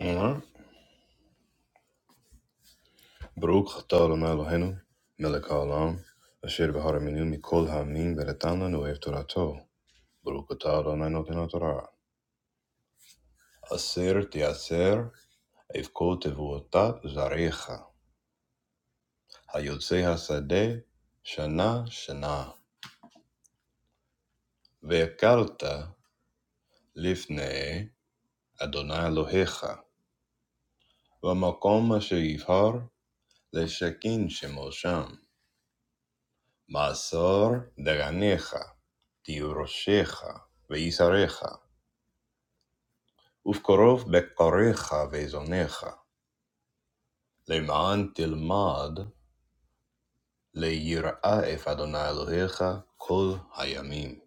Ja, Baruch atah Adonai Eloheinu, melech haolam, asher v'haraminu mikol ha'amim v'natan lanu et torato. Baruch atah Adonai noten Torah. Aser teaser, evkol tevuotat zarecha. Hayotze hasadeh, shana shana. Ve'akalta lifnei Adonai Elohecha. V'makom asher yivhar leshakin shemo sham. Ma'asor daganecha. Tiuroshecha ve'isarecha. ופקרוב בקריך וזונך, למען תלמד ליראה את אדוני אלוהיך כל הימים.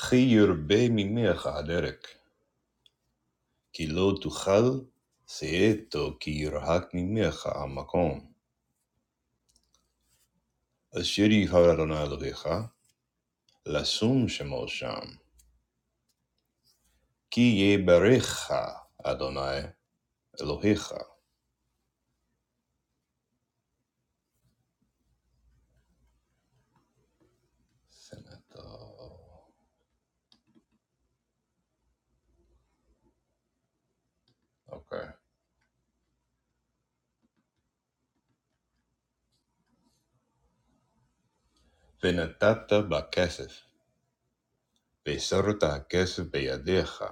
כי ירבה ממך הדרק, כי לא תוכל שאתו כי ירחק ממך המקום. אשר יבחר אדוני אלוהיך, לשום שמו שם, כי יברך אדוני אלוהיך. סנטור. ונתת בכסף. بسرد كسب يديخ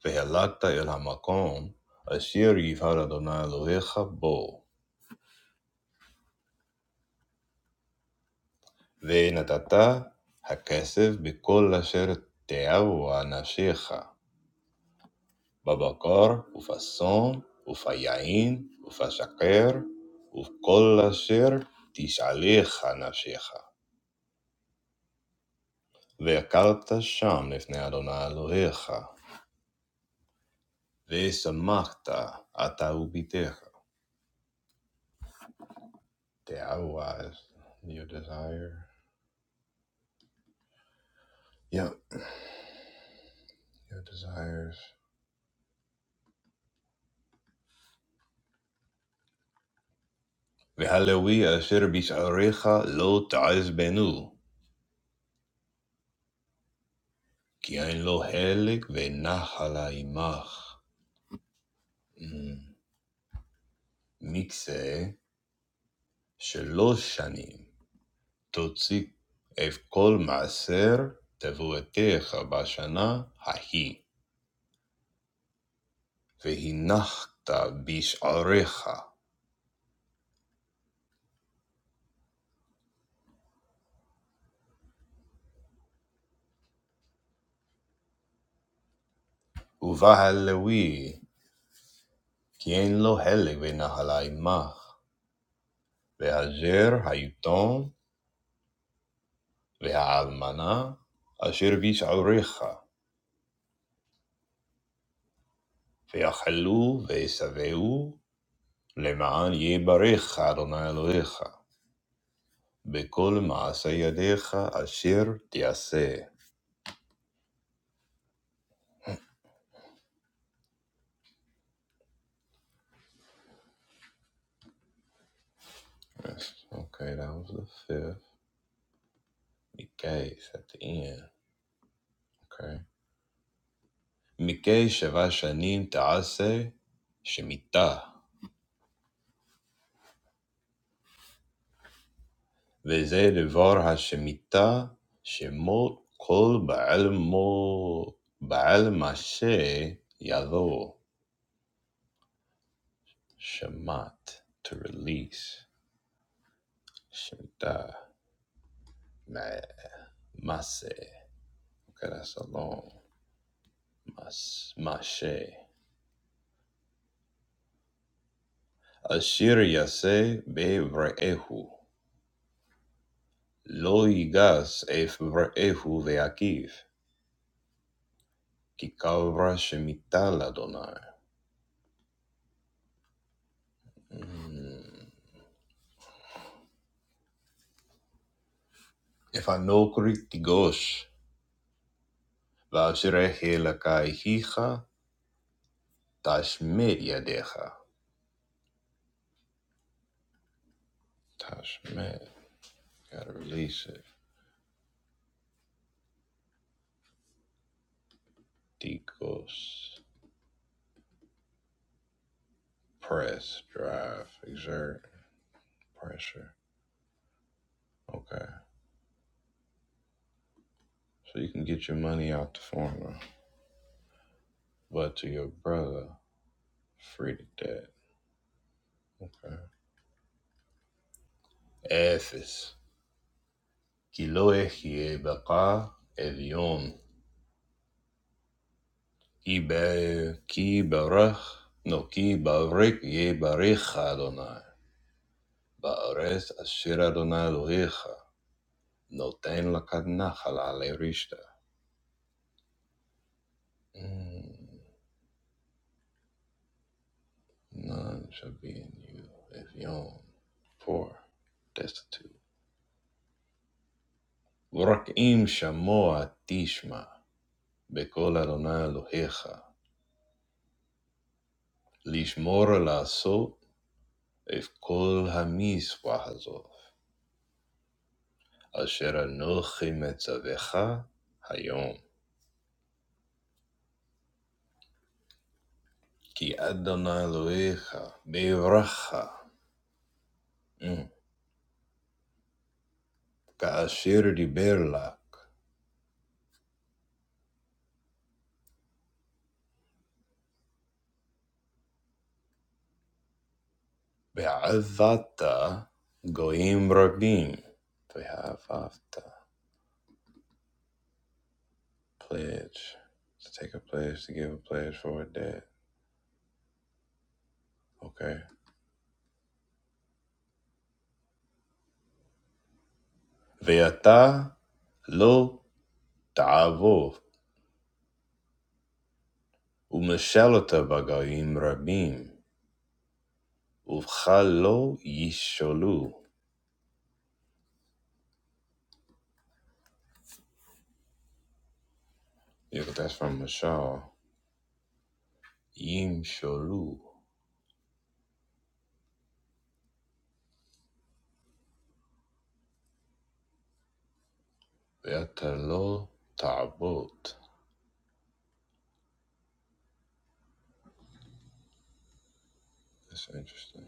فهلكت אל המקום אשר يفعل أدوني إلهيك بو ונתת הכסף בכל אשר תאהו אנשיך, בבקר ובשום וביין ובשקר ובכל אשר תשאליך נפשך. והקלת שם לפני אדוני אלוהיך, ושמחת אתה וביתך. תאהו as your desire. Yeah, Your desires. V'haleluya asher bisharecha lo ta'azbenu. Ki ein lo helek v'nahala imach. Mm. מקצה שלוש שנים, תוציא את כל מעשר תבואתך בשנה ההיא, והנחת בשעריך, ובהלוי, כי אין לו הלג בנחל עמך, והזר היתום והאלמנה אשר בשעריך, ויאכלו וישבעו, למען יברך אדוני אלוהיך, בכל מעשה ידיך אשר תעשה. Okay, that was the fifth. Mikay at the end. Okay, Mikay seven shanim taase shemitah, and this the word shemitah, that all the knowledge, all the knowledge is lost. Shamat to release. Shemita ma Mase. Okay, that's a long mas mashe. Ashir yase be vrehu. Lo yigas ef vrehu veakiv. Ki kavra shemita ladonai. If I no kritigosh, vashrehe lakai hija, tashmer yadecha. Tashmer. Gotta release it. Tikos. Press, drive, exert. Pressure. Okay. So you can get your money out the farmer, but to your brother, free to that. Okay. Ephes. Kiloehi baka evion. Ibe ki barach. No ki barik ye barich donai Baares asher Adonai Elohecha. Noten lakad nachal ale rishta. Mm, None shall be in you evion. Poor, destitute. Urakim shamoa tishma, bekol Adonai Elohecha, lishmor לעשות את כל המצווה הזאת, אשר אנוכי מצווך היום. כי אדוני אלוהיך בירך, אמ, כאשר דיבר לך, ועבדת גויים רבים, ואהבת. Pledge. To take a pledge, to give a pledge for a debt. Okay. And he did not obey, and he was among many people. He did not listen. That's from Misha. He listened, and he did not obey. That's interesting.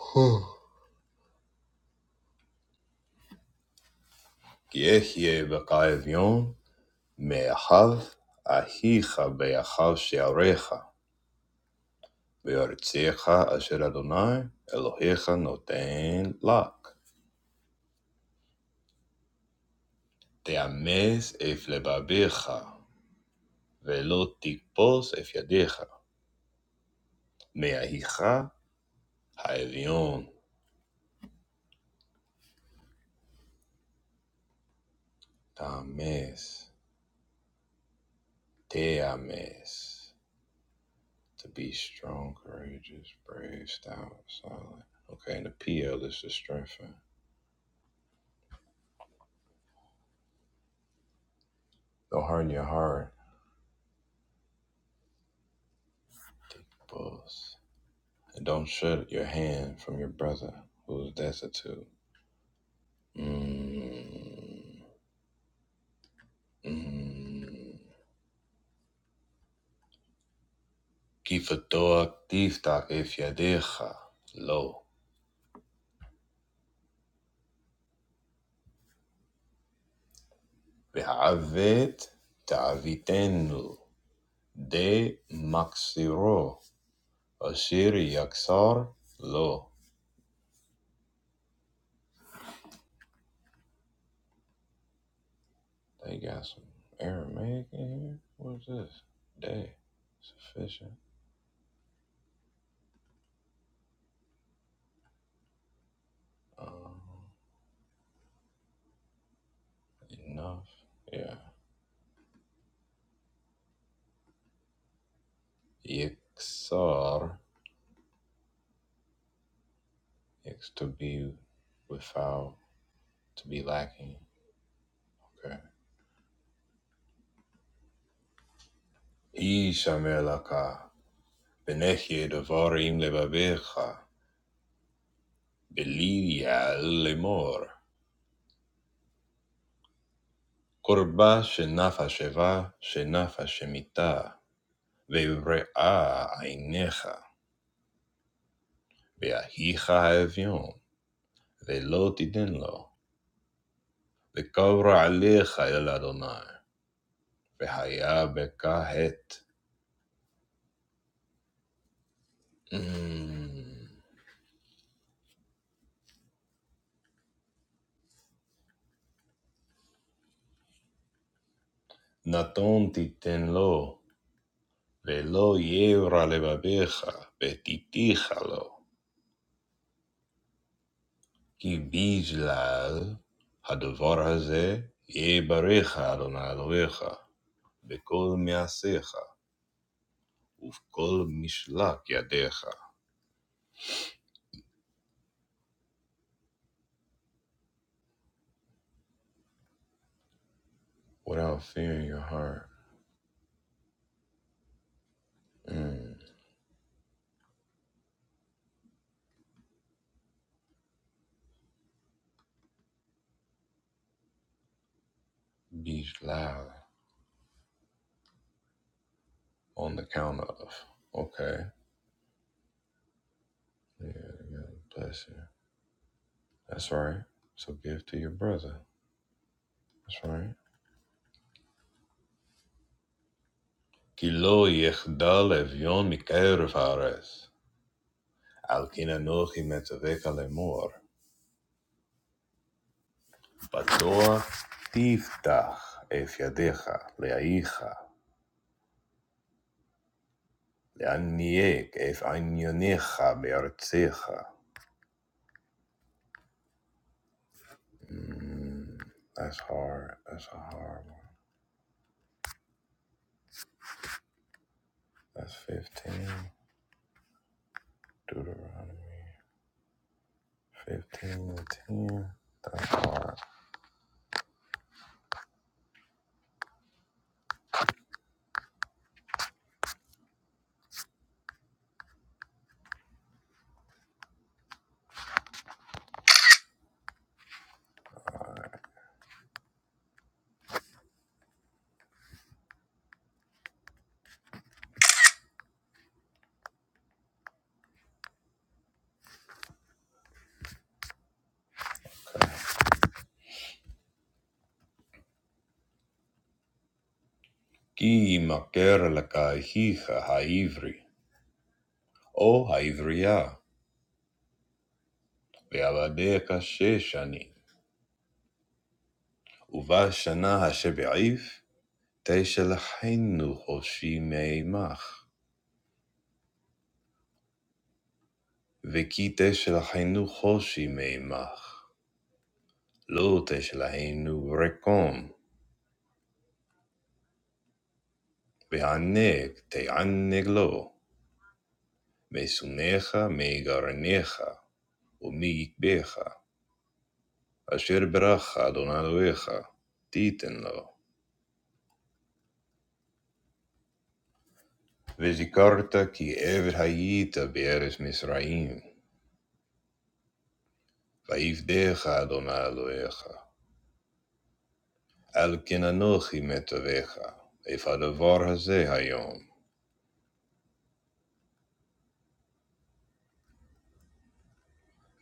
Who? Because he was a man who loved his wife, who loved his children, who wanted to be the Lord's servant. תאמץ אף לבביך, ולא תכבוס אף ידיך, מאחיך האביון. תאמץ, תאמץ. To be strong, courageous, brave, stout, solid. Okay, and the PL is to strengthen. Don't harden your heart, Tickbus. And don't shut your hand from your brother who is destitute. Mm, mm. كيف الطوق تفتح كيف يديها لو بعفت تعفيتين دي مكسيرو أشير يكسر لو They got some Aramaic in here? What is this? Day. Sufficient. Um, enough. Yeah. yiksar Yix to be without, to be lacking. Okay. Ishamelaka. Vinechir dovar im levavecha, beliyal lemor. Korba shenafa shevah, shenafa shemitah. Veibreah ainecha, veahicha avyon. Velotidinlo, vekavra alecha eladonai. Vehayavekahet. Natontidinlo, velotyevra levavecha, betitichalo. כי בגלל הדבר הזה יברך אדוני אלוהיך בכל מעשיך ובכל משלח ידיך. Without fear in your heart. Mm. בגלל. On the count of. Okay. Yeah, yeah. Bless you. That's right. So give to your brother. That's right. כי לא יחדל אביון מקרב הארץ. על כן אנוכי מצווה לאמור. Batoa tiftach ef yadecha leaicha leaniek ef anyonecha beartzecha. That's hard. That's a hard one. That's fifteen. Deuteronomy Fifteen, and ten. Ki makera l'kachicha ha'Ivri, oh ha'Ivriah, be'aladecha she'shanil uva shana hashaviv teishel penuhoshi meimach. וכי תשל היינו חושי מעמך, לא תשל היינו רקום, והענג תענג לו, משונאיך מגרניך, ומיקבך, אשר ברכה אדוני אלוהיך, תיתן לו. וזכרת כי עבד היית בארץ מצרים, ויפדך אדוני אלוהיך, על כן אנוכי מצווך, איפה הדבר הזה היום,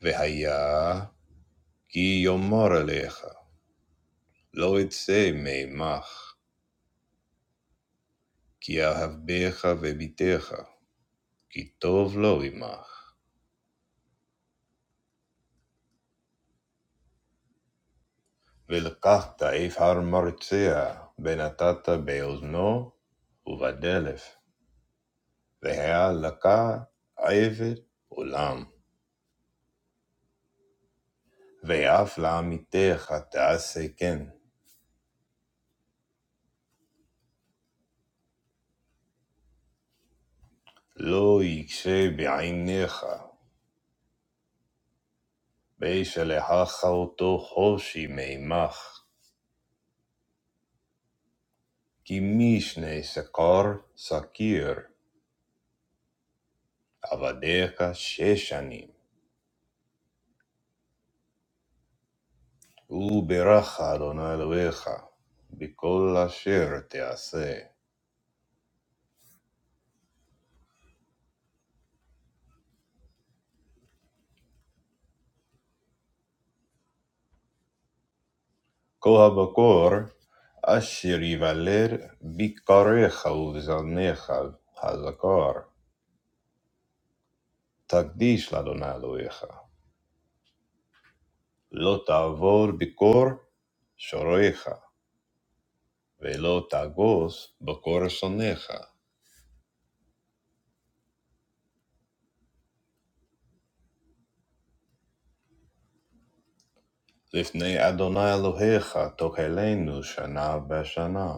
והיה Ki yomora lecha, lo etse meimach. Ki avbecha vebitecha, ki tov lo imach. Ve'lqata ifar marcea benatata be'uzno uvedelef. Ve'halaka aiver olam ve'aflamitecha tease ken. Lo yikshei b'ainecha beish lehachauto hoshi meimach. Ki mishne sekar sakir. avadecha she'shanim uberachad onel uecha bi kol hashir tease koh ba kor ashirivelir bi karicha udisanecha hazakar tadishla donel uecha lo tavur bi kor shoricha ve-lo tagos ba kor sonecha l'fnay Adonai Elohecha tohelenu shana b'shana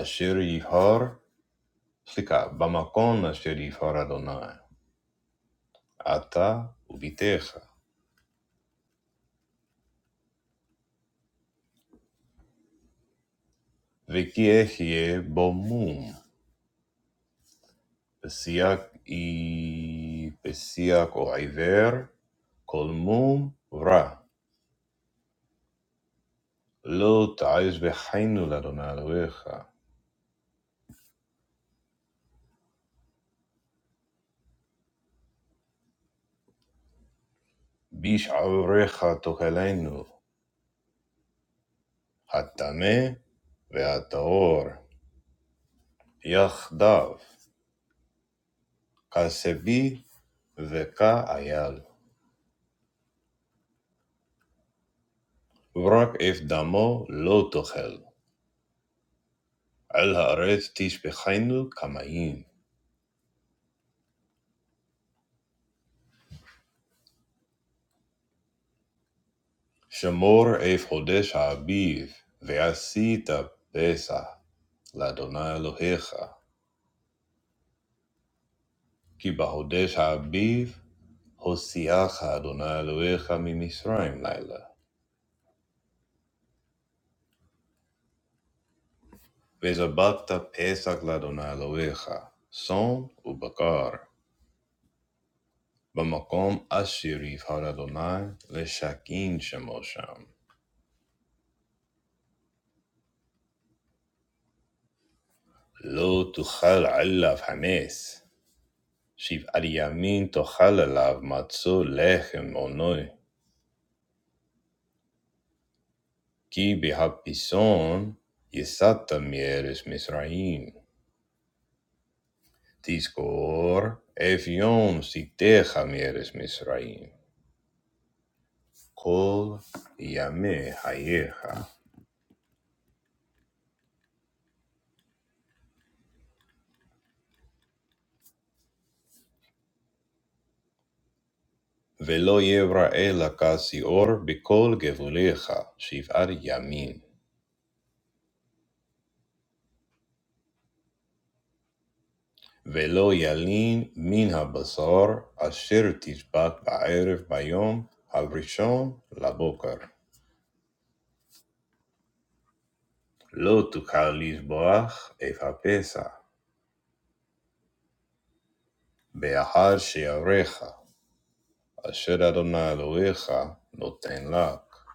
ashirihar. Slicka b'makon asher ifaradonai ata ubitecha vekiehi b'mum pesiak i pesiak oiver kol mum vra lo taiz bechaynu la donal uircha bish avrecha tokelenu atame veataor yachdav kasebi veka ayal vrag efdamo lo tokel. על הארץ תשפכנו כמים, שמור אפודך אביב, ועשית פסח לאדוני אלוהיך. כי בהודש האביב הוציאך אדוני אלוהיך ממצרים לילה, וזבחת פסח לאדוני אלוהיך, צאן ובקר, במקום אשר יבחר אדוני לשכין שמו שם. לא תאכל עליו חמץ, Shiv Ariamim tochalav matzou lechem onoi ki behapiszon yisata mieres Misraim diskor avyon siteh mieres Misraim kol yame hayeha velo yebra elakasior bekol gevulecha Shiv Ariamim velo yalin min ha basor asher tishbat b'ayref bayon alrishon laboker. לא תוכל לטבוח אף הפסע, באחר שיברך, אשר אדוני אלוהיך נותן לך.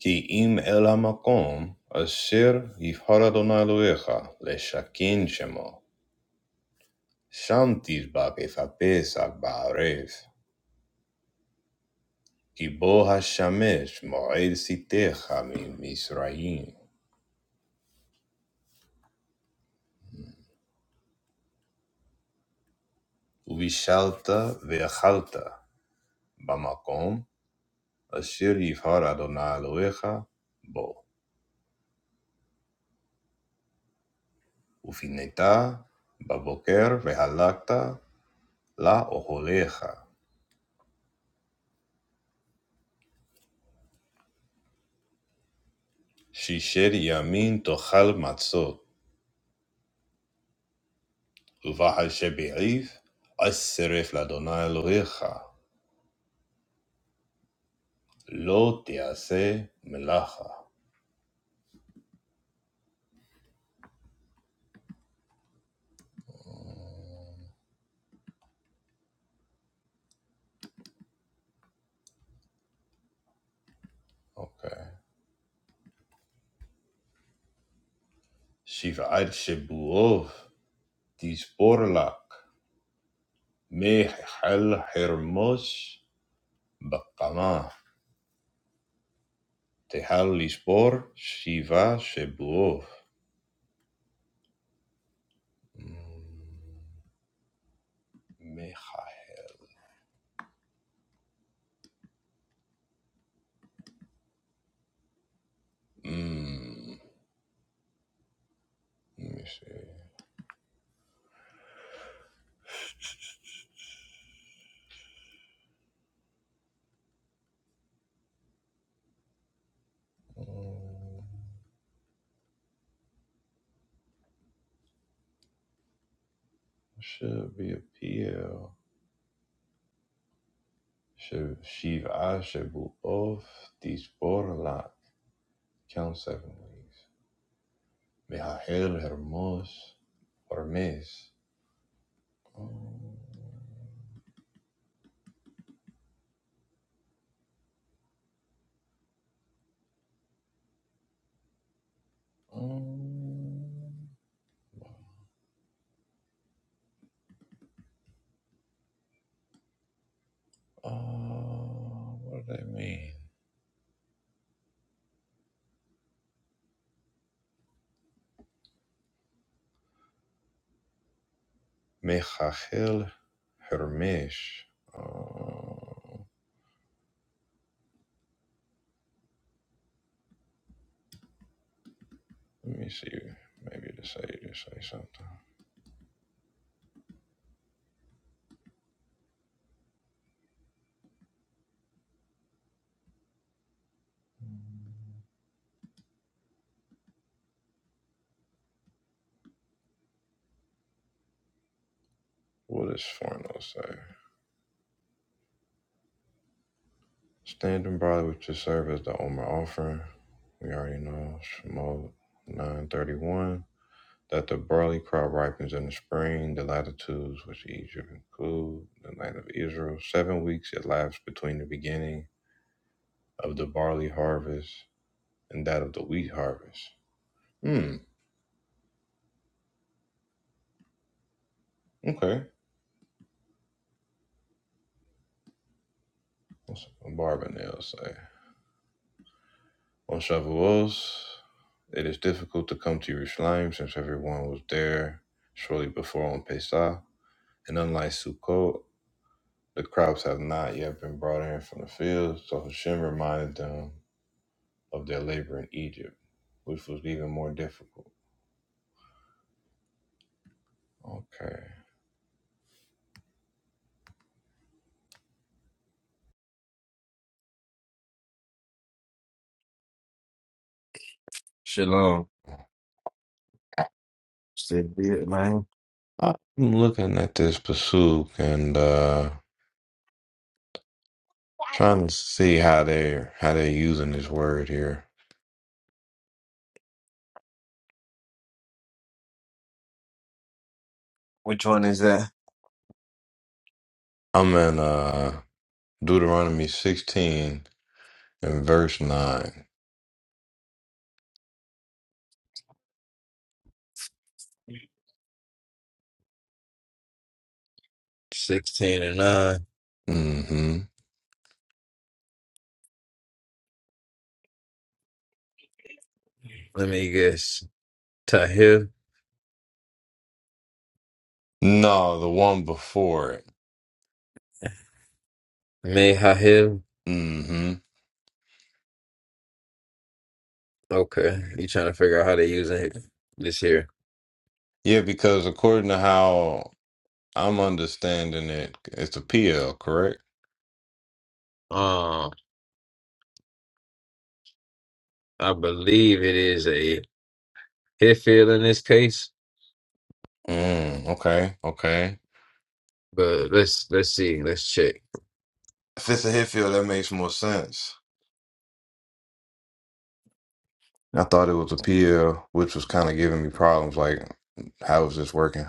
כי אם אל המקום אשר יבחר אדוני אלוהיך לשכן שמו, שם תדבק אף הפסח בערב, כי בו השמש מועד שטתך ממצרים, ובישלת ואכלת במקום אשר יבחר אדוני אלוהיך בו. Ufineta, Baboker, Vehalakta, La Oholecha, Shisher Yamin Tochal Matzot, Uvahal Shebe'if, Asseref Ladonai Elohecha, Lo Tease Melacha. Okay. Shiv'at Shebuov, Tisporlak, Mehal Hermos, Bakama, Tehal Lispor, Shiva Shebuov. Mm. Mm. Let me see. Um, should be a PL. Should Shiva Shebu of Disporla. Count seven ways. Mejajel Hermos Hermes. Um, um, uh, what do they mean? Mejajel Hermes. Uh, let me see. Maybe to say to say something. What does Forno say? Standing by with your serve as the Omer offering. We already know Shemot 931 that the barley crop ripens in the spring, the latitudes which Egypt include, the land of Israel. Seven weeks elapsed between the beginning of the barley harvest and that of the wheat harvest. Hmm, okay. What's a barber say? On Shavuos, it is difficult to come to Yerushalayim since everyone was there shortly before on Pesach. And unlike Sukkot, The crops have not yet been brought in from the fields, so Hashem reminded them of their labor in Egypt, which was even more difficult. Okay. Shalom. Still did, man. I'm looking at this pasuk and uh trying to see how they're how they're using this word here. Which one is that? I'm in uh Deuteronomy 16 and verse 9. 16 and 9. Mm-hmm. Let me guess. Tahil? No, the one before it. Mehahil? Mm-hmm. Okay. You trying to figure out how to use it this here. Yeah, because according to how I'm understanding it. It's a PL, correct? Um, I believe it is a Hifil in this case, Mm, okay, okay. but let's let's see. Let's check. If it's a hit field, that makes more sense. I thought it was a PL, which was kind of giving me problems. Like, how is this working?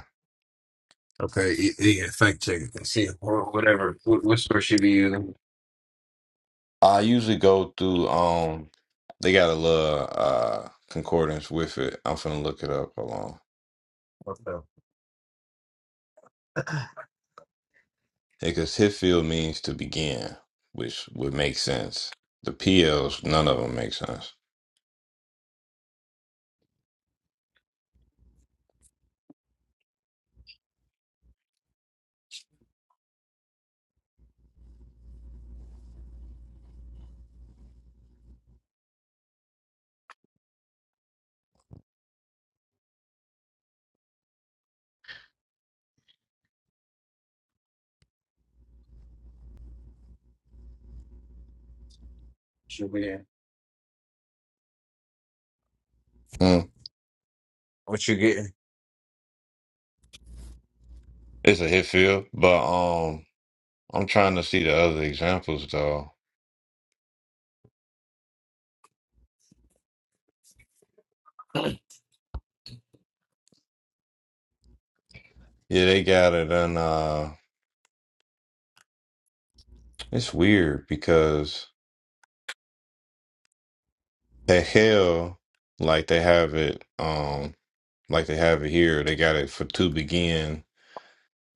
Okay, you, you fact check it. Let's see. Or whatever. What, what store should be using? I usually go through. Um, they got a little uh concordance with it. I'm finna look it up. Hold on, What the? because hit field means to begin, which would make sense. The PLs, none of them make sense. Should be in. Mm. What you getting? It's a hit field, but um. I'm trying to see the other examples though. Yeah, they got it and uh it's weird because at hell, like they have it um like they have it here, they got it for to begin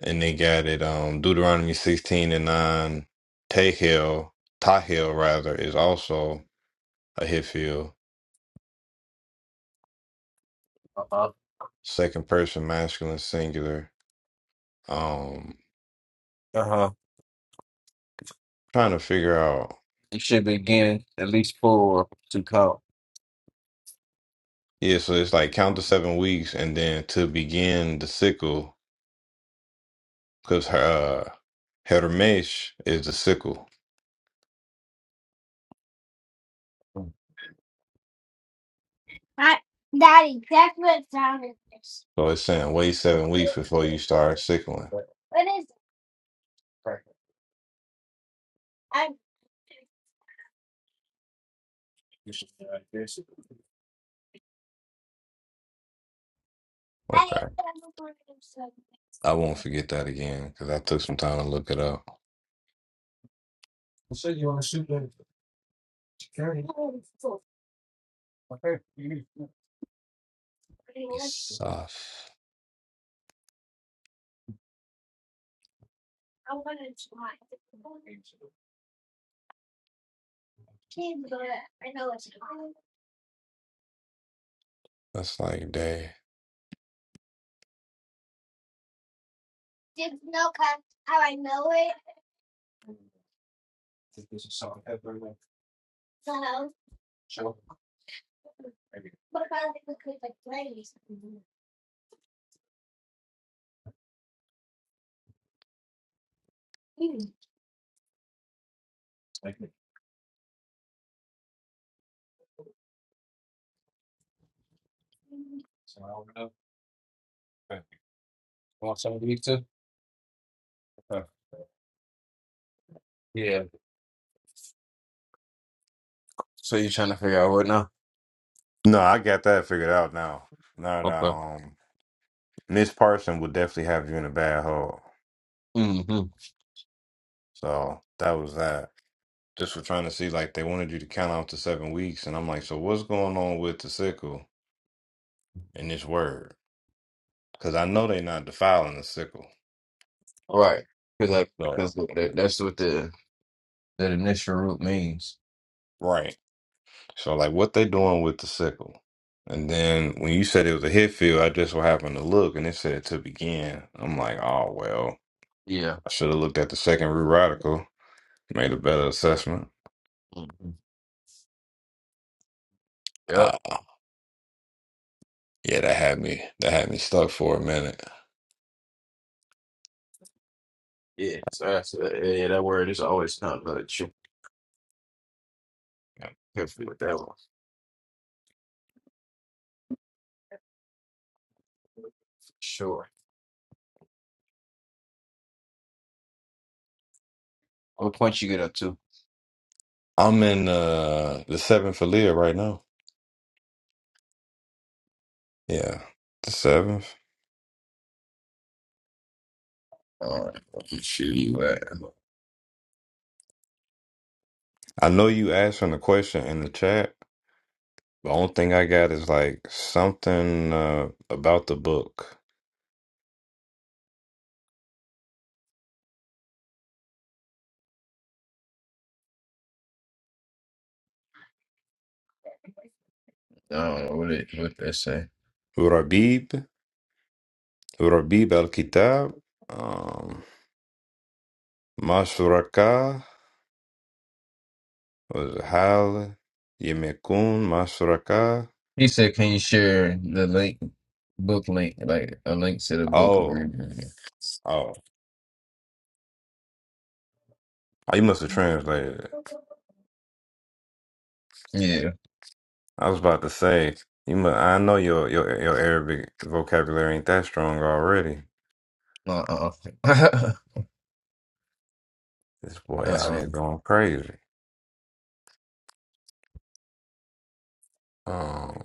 and they got it um Deuteronomy sixteen and nine Tehel, Tahel rather, is also a Hitfield. Uh-huh. Second person masculine singular. Um Uh huh. trying to figure out It should be getting at least four to count. yeah, so it's like count the seven weeks and then to begin the sickle because her uh, Hermesh is the sickle. So it's saying wait seven weeks before you start sickling. Okay. I won't forget that again because I took some time to look it up. So you want to shoot them for security? Okay. you- Isaf. That's like day. This is something that we're going show. Maybe. like, so I don't know. Okay. You Want some of these too? Okay. Yeah. So you're trying to figure out what now? No, I got that figured out now. Now that Okay. um Miss Parson would definitely have you in a bad hole. Mm-hmm. So that was that. Just for trying to see, like they wanted you to count out to seven weeks, and I'm like, so what's going on with the sickle in this word? Because I know they not defiling the sickle. Right. Because I, So because that's what the that initial root means. Right. So like what they doing with the sickle. And then when you said it was a hit field, I just so happened to look and it said to begin. I'm like, oh well, Yeah. I should have looked at the second root radical, made a better assessment. hmm Yep. Uh yeah, that had me that had me stuck for a minute. Yeah. So that's uh, yeah, that word is always kind of true. I'm Careful with that one. for Sure. What point you get up to? I'm in uh the seventh Aaliyah right now. Yeah. The seventh. All right, shoot you at. I know you asking the question in the chat. The only thing I got is like something uh about the book. I don't know what it what that say. Rabib? ربيب الكتاب um, ما شركاء الحال يم ما شركاء He said, "Can you share the link, book link, like a link to the book?" oh oh oh, you must have translated it Yeah. I was about to say you must, I know your, your your Arabic vocabulary ain't that strong already Uh uh. Uh this boy out uh. here going crazy um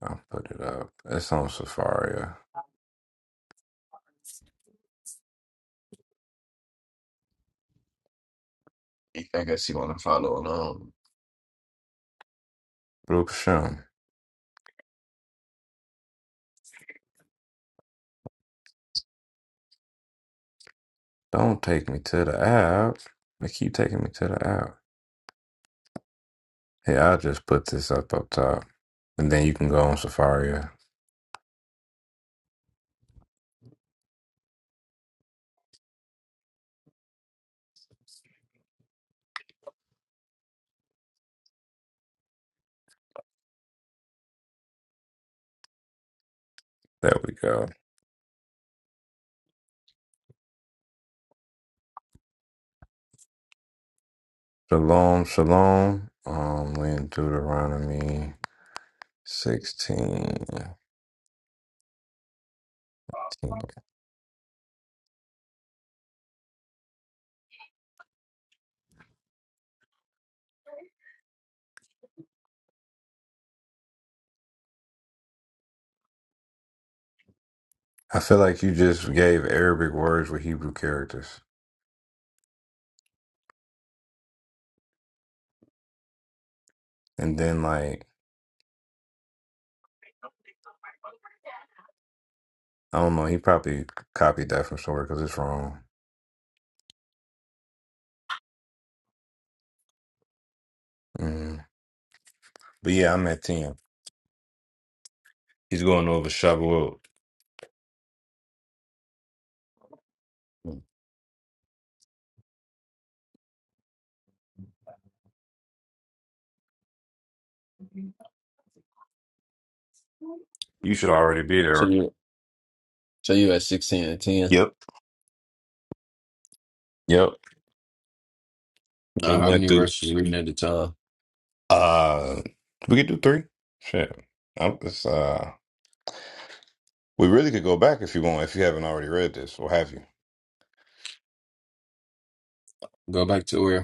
I'll put it up it's on Safari I guess you want to follow along. Blue Shem don't take me to the app they keep taking me to the app Hey, I'll just put this up up top and then you can go on Safari. There we go. Shalom, shalom. Um, we in Deuteronomy 16. I feel like you just gave Arabic words with Hebrew characters, and then like I don't know, he probably copied that from somewhere because it's wrong. Mm. But yeah, I'm at ten. He's going over Shavuot. You should already be So there. you, so you at sixteen and ten. Yep. Yep. We Uh, how many went through. verses you reading at the time? Uh, we could do three. Shit. I'm just uh. We really could go back if you want, if you haven't already read this, or have you? Go back to where?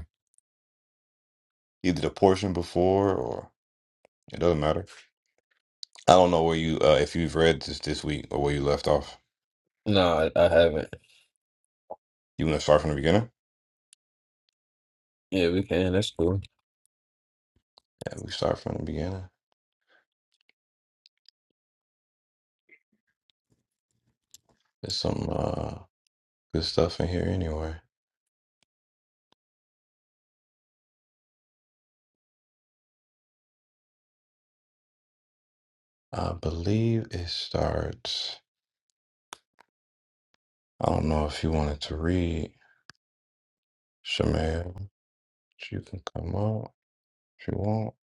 Either the portion before, or it doesn't matter. I don't know where you, uh, if you've read this this week or where you left off. No, I, I haven't. You want to start from the beginning? Yeah, we can. That's cool. Yeah, we start from the beginning. There's some uh, good stuff in here anyway. I believe it starts. I don't know if you wanted to read, Shemaya. You can come out if you want.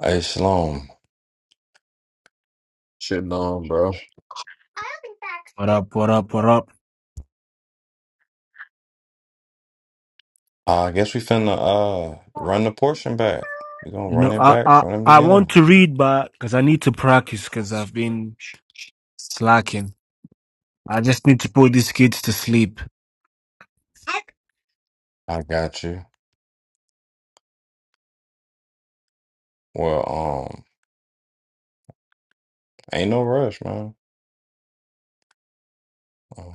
Hey, Shalom. Shitting on, bro. What up? What up? What up? I guess we finna uh, run the portion back. We're gonna You run know, it I back I, from the I want beginning. to read, but because I need to practice, because I've been slacking. I just need to put these kids to sleep. I got you. Well, um, ain't no rush, man. Um,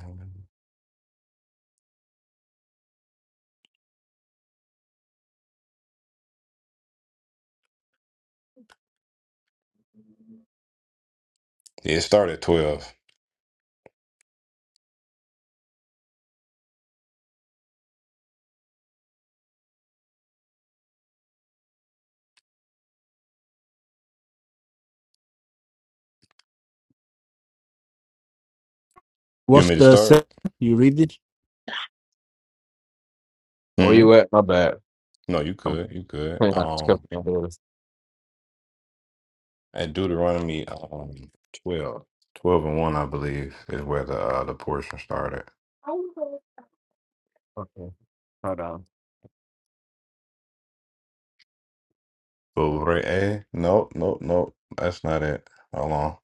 yeah, it started at 12. You want What's me to the se- start? you read it? Where hmm you at? My bad. No, you I'm could. You could. playing out the stuff Um, outdoors. at Deuteronomy um, 12. 12 and 1, I believe, is where the uh, the portion started. Okay, hold on. But Re'eh, nope, nope, nope. That's not it. Hold on.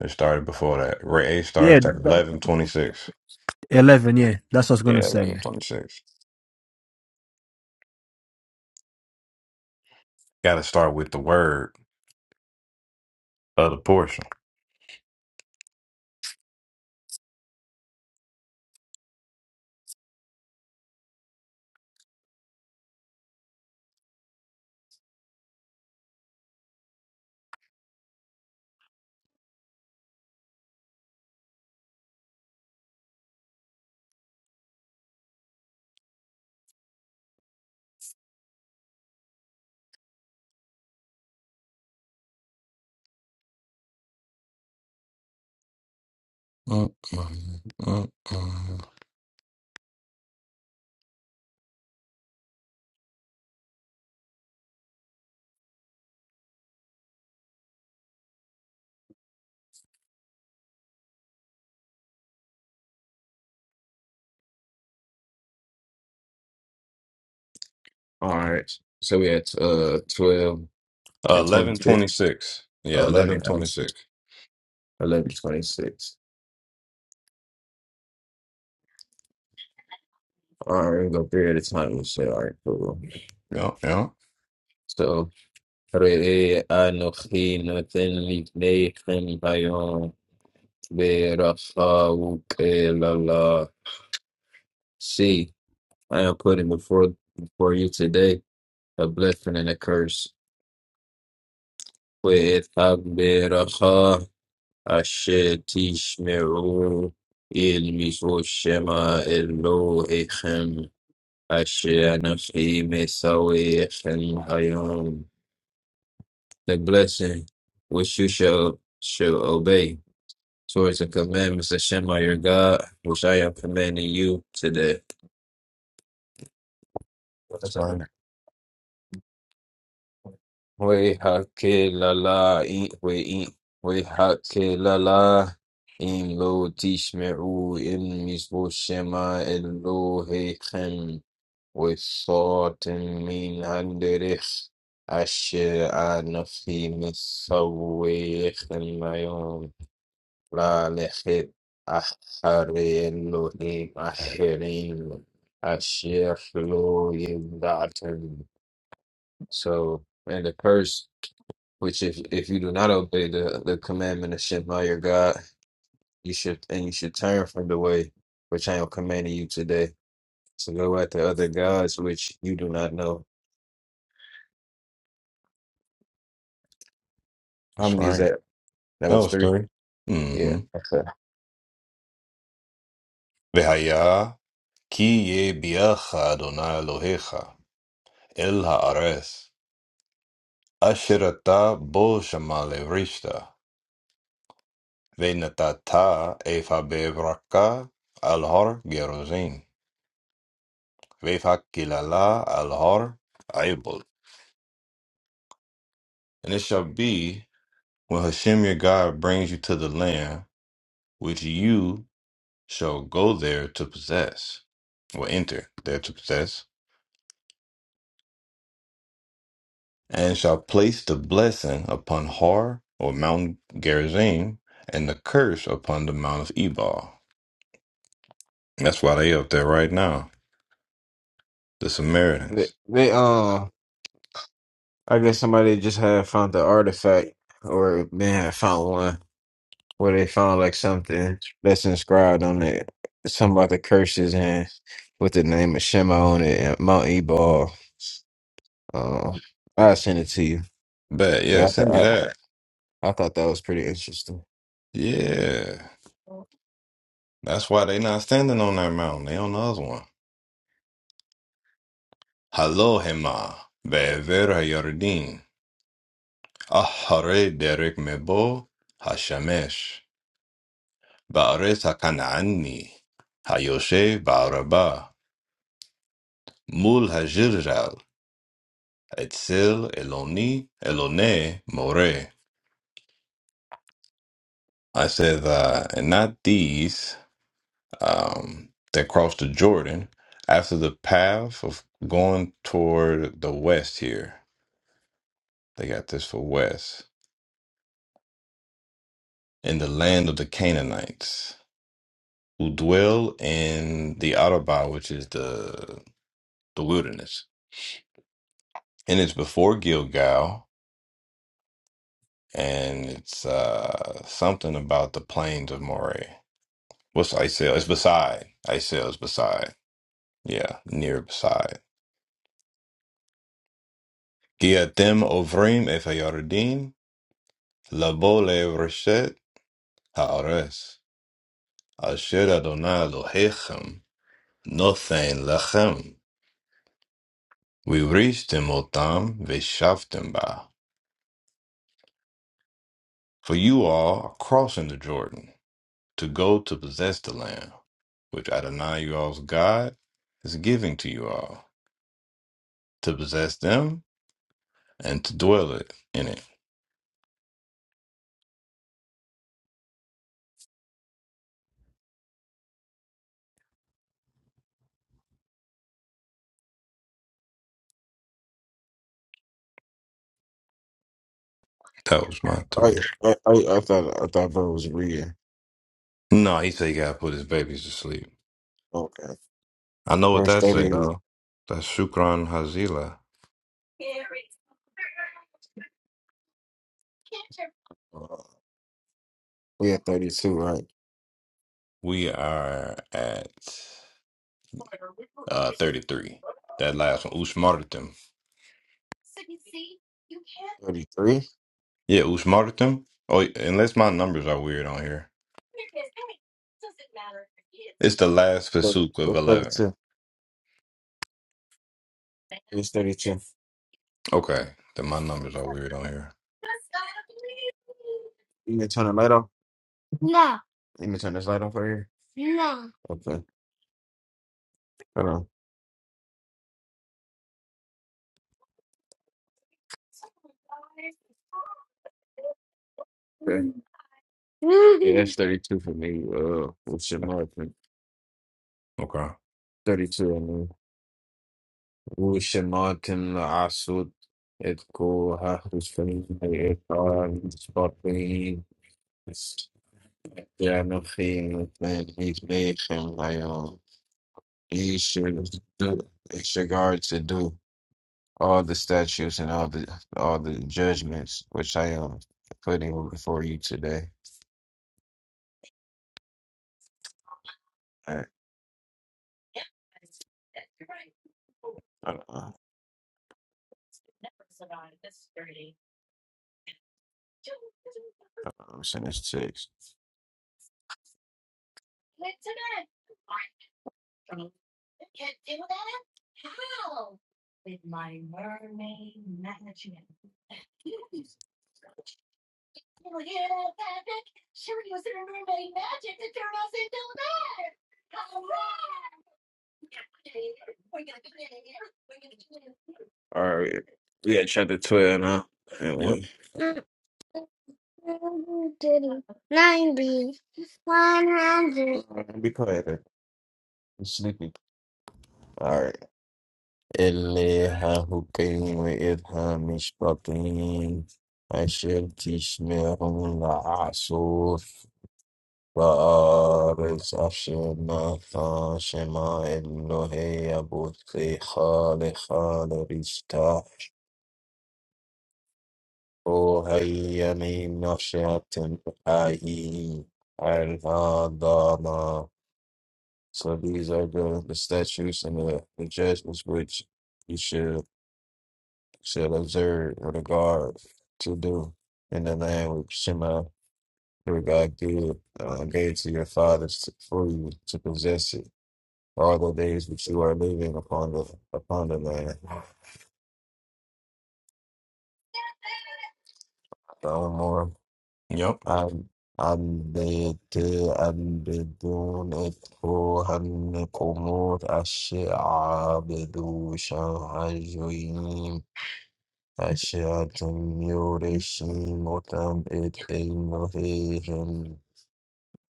It started before that. Re'eh Yeah, starts at th- 11.26. eleven. Yeah, that's what I was gonna Yeah, say. yeah. 11.26. Got to start with the word of the portion. Mm-mm, mm-mm. All right. So we at uh twelve Uh, and twenty eleven twenty six. six. Yeah, Uh, eleven eleven and twenty six. eleven twenty six. All right, we go three at a time. We'll say, all right, cool. Yeah, yeah. So, رئي أنوخي نوتن لبنيخن بيون برخاوك إلى الله. See, I am putting before before you today. a blessing and a curse. وَإِذْ أَشْتَشْمِعُوا إِلْمِسُوا شَمَا إِلَوْهِكُمْ أَشْيَانَ فِي مِسَوِيكُمْ أَيُّمْ The blessing which you shall, shall obey towards the commandments of Shema your God, which I am commanding you today. It's right. We hake la la in we in we hake la la in lo tishmeru in misbo shema Elohechem with sort and mean handerich asher anafi misawech and my own la lechet ahare Elohim aherim asher lo yimdatem. So, and the first. Which if if you do not obey the, the commandment of Shema your God, you should and you should turn from the way which I am commanding you today to go after other gods which you do not know. How It's many is right. that? That That was was three. three. Yeah. Mm-hmm. Okay. Vehaya ki ye biacha Adonai Elohecha el haaretz asherata bo shamale rishta venatata efa bevraka al har gerozim vefakilala al har aibol. And it shall be when Hashem your God brings you to the land which you shall go there to possess, or enter there to possess, and shall place the blessing upon Har or Mount Gerizim, and the curse upon the Mount of Ebal. That's why they up there right now, the They, Samaritans. they um, I guess somebody just had found the artifact, or they had found one where they found like something that's inscribed on it, something about the curses and with the name of Shema on it, and Mount Ebal. uh I'll send it to you. But yeah, But send me I, that. I thought that was pretty interesting. Yeah, that's why they not standing on that mountain. They on the other one. Hello, Hema, Be'ever Hayardin, Ahare Derek Mebo, Hashemesh. بأريت كان عني היושב בערבה מול הג'רג'ל אצל אלוני אלוני מורה. I said, uh, and not these um, that crossed the Jordan after the path of going toward the west here. They got this for west. In the land of the Canaanites who dwell in the Arabah, which is the the wilderness. And it's before Gilgal and it's uh something about the plains of Moray. What's Isail? It's beside. Isail is beside. Yeah, near beside. Giatim ovrim efayoredim, labole reshet haores, asher Adonai Elohechem, nothen lechem. We reached otam veshaftim ba. For you all are crossing the Jordan to go to possess the land, which Adonai, you all's God, is giving to you all. to possess them and to dwell it in it. That was my I three. I I, I thought I thought bro was reading. No, he said he gotta put his babies to sleep. Okay, I know what verse that say thirty. though. That's Shukran Hazila. Uh, we at thirty two, right? We are at uh thirty three. That last one, Ushmartim. 33? Yeah, Ushmartim. Oh, unless my numbers are weird on here. It's the last 30, Pasuk of what's eleven. 32. It's thirty two. Okay, then my numbers are weird on here. You gonna turn the light off? You gonna turn this light off right here? Okay, hold on. Okay. Yeah, that's thirty two for me. Uh, what's your mark? Okay. Thirty two. I mean, what's your mark? And I saw it like There are no things that he's made him like um he should do it's your guard to do all the statutes and all the all the judgments which I am putting before you today. All right. I don't know. I'm sending this text. All right. We at chapter twelve now. And Yep. we all right, be quiet. then. I'm sleepy. All right. Elihu came with Ilham Mishpatim. I وآرز أشما ثاشما إلهي أبوثي خالي خالي رشتا وهي من نشأة حي الهضامة So these are the, the statutes and the, the judgments which you should should observe with regard to do in the land which Shema, your God, gave, uh, gave to your fathers to, for you to possess it. Are the days which you are living upon the upon the land? O Lord, Yep. I I bid to I bid to net for Him the most Ashi'ab the most sharh joim Ashi'at Mu'reshim O Tamit Al Muhim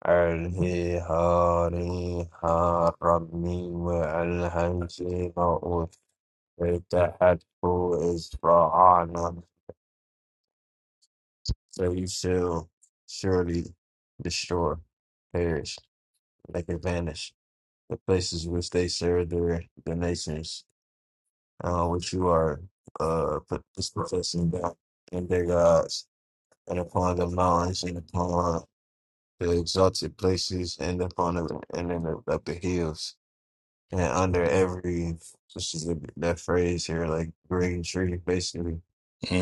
Al Hayhari Harami wa Al Hamim wa Al Fatah wa Al Israhan. So you shall surely destroy, perish, make it vanish the places which they serve their the nations, uh, which you are uh put this professing God and their gods, and upon the mountains and upon the exalted places and upon the and in the, up the hills and under every which is the, that phrase here like green tree basically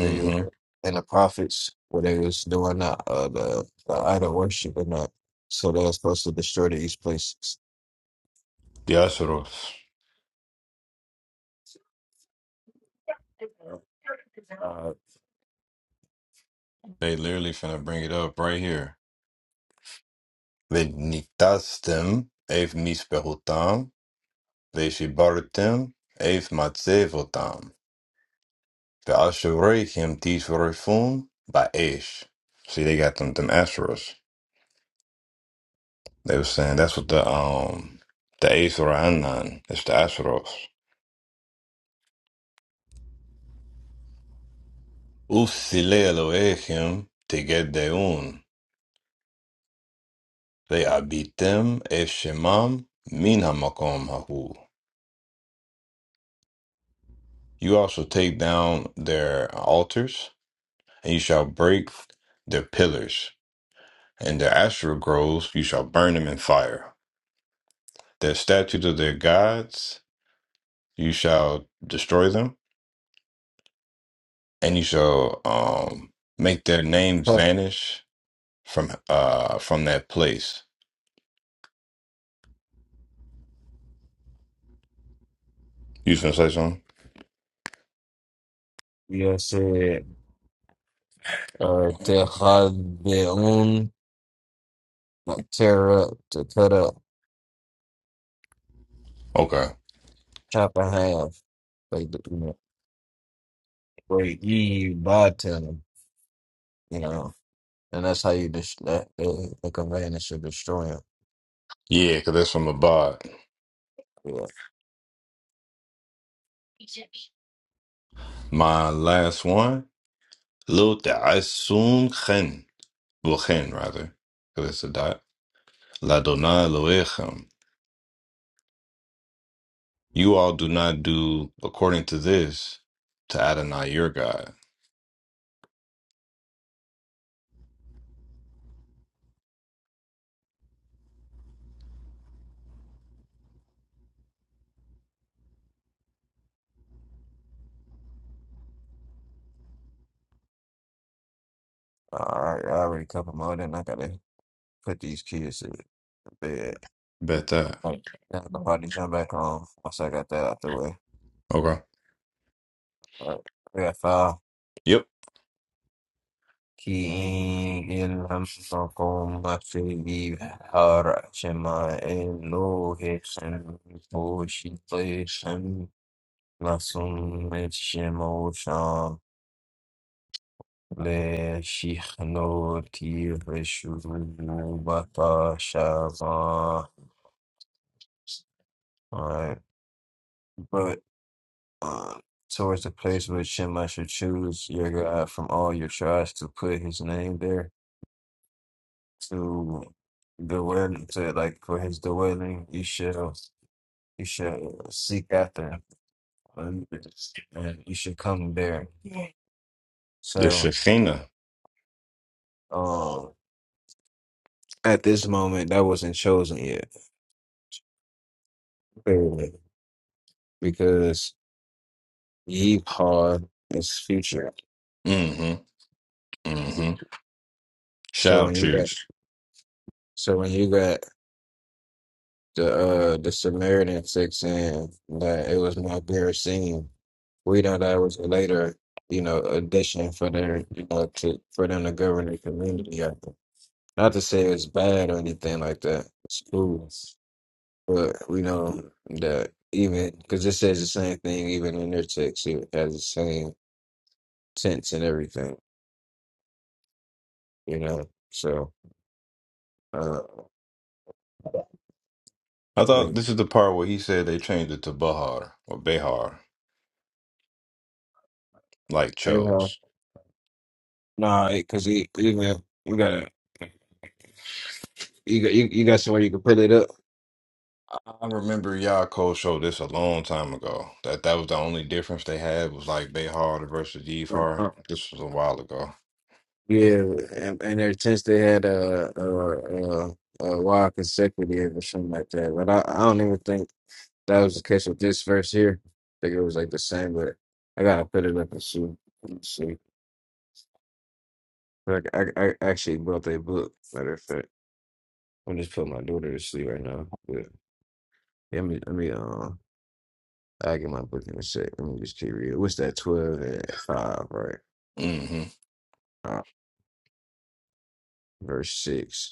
real and the prophets where they was doing the uh, the, the idol worship and that. So they were supposed to destroy these places. The Asheros. Uh, They literally finna bring it up right here. וניתזתם את מזבחותם, ושיברתם את מצבותם, ואשריכם תשרפון ba'esh. See, they got them them Asheros. They were saying that's what the um the Acer Anan is the Asheros. Usile Elohim Tegedeun Ve'abitem ev shemam Min Hamakom Hahu. You also take down their altars, and you shall break their pillars. and their astral groves you shall burn them in fire. Their statues of their gods you shall destroy them, and you shall um make their names vanish from uh from that place. You finna say something? yeah, said uh, Tehadbeun, like tear up, to cut up, Okay. chop in half, like you know, break ye by them, you know, and that's how you just that the, the conveyance should destroy them. Yeah, cause that's from Abad. Yeah, My last one, Lo Ta'asun Chen. Well Chen rather, because it's a dot. La Dona Loechem. You all do not do according to this to Adonai your God. all right, I already covered more than I gotta put these kids to bed. Bet that. Like, now I'm jump back on once I got that out the way. Okay. All right. We got five. Yep. كي إن أمسكم في بحر شماء لوه سن بوشيطي سن لسن شموشان لشيخنو تير All right, but. Um, towards the place which him I should choose your God from all your tribes to put his name there to dwell to like for his dwelling you shall you shall seek after him, um, and you should come there. The So Shekinah. um at this moment that wasn't chosen yet. clearly, Because Yeehaw is future. Mm-hmm. Mm-hmm. So Shall when you got choose. so when you got the uh the Samaritan chick saying that it was my bare scene. We know that was a later, you know, addition for their, you know, to for them to govern the community. I think. Not to say it's bad or anything like that. It's cool, but we know that even because it says the same thing even in their text. It has the same sense and everything, you know. So, uh, I yeah. thought this is the part where he said they changed it to Bahar or Behar, like hey, well, chose. nah, because even you gotta you got you, you got somewhere you can put it I remember Yaakov showed this a long time ago. That that was the only difference they had was like Behar versus up. Yivhar. This was a while ago. Yeah, and, and their tents they had a a, a a wild consecutive or something like that. But I, I don't even think that was the case with this verse here. I think it was like the same, but I gotta put it up and see. Let me see. Like I, I actually bought that book. Matter of fact, I'm just putting my daughter to sleep right now. But let me let me uh I get my book in a sec. Let me just keep reading. What's that? Twelve and five, right? Mm-hmm. Uh, verse six.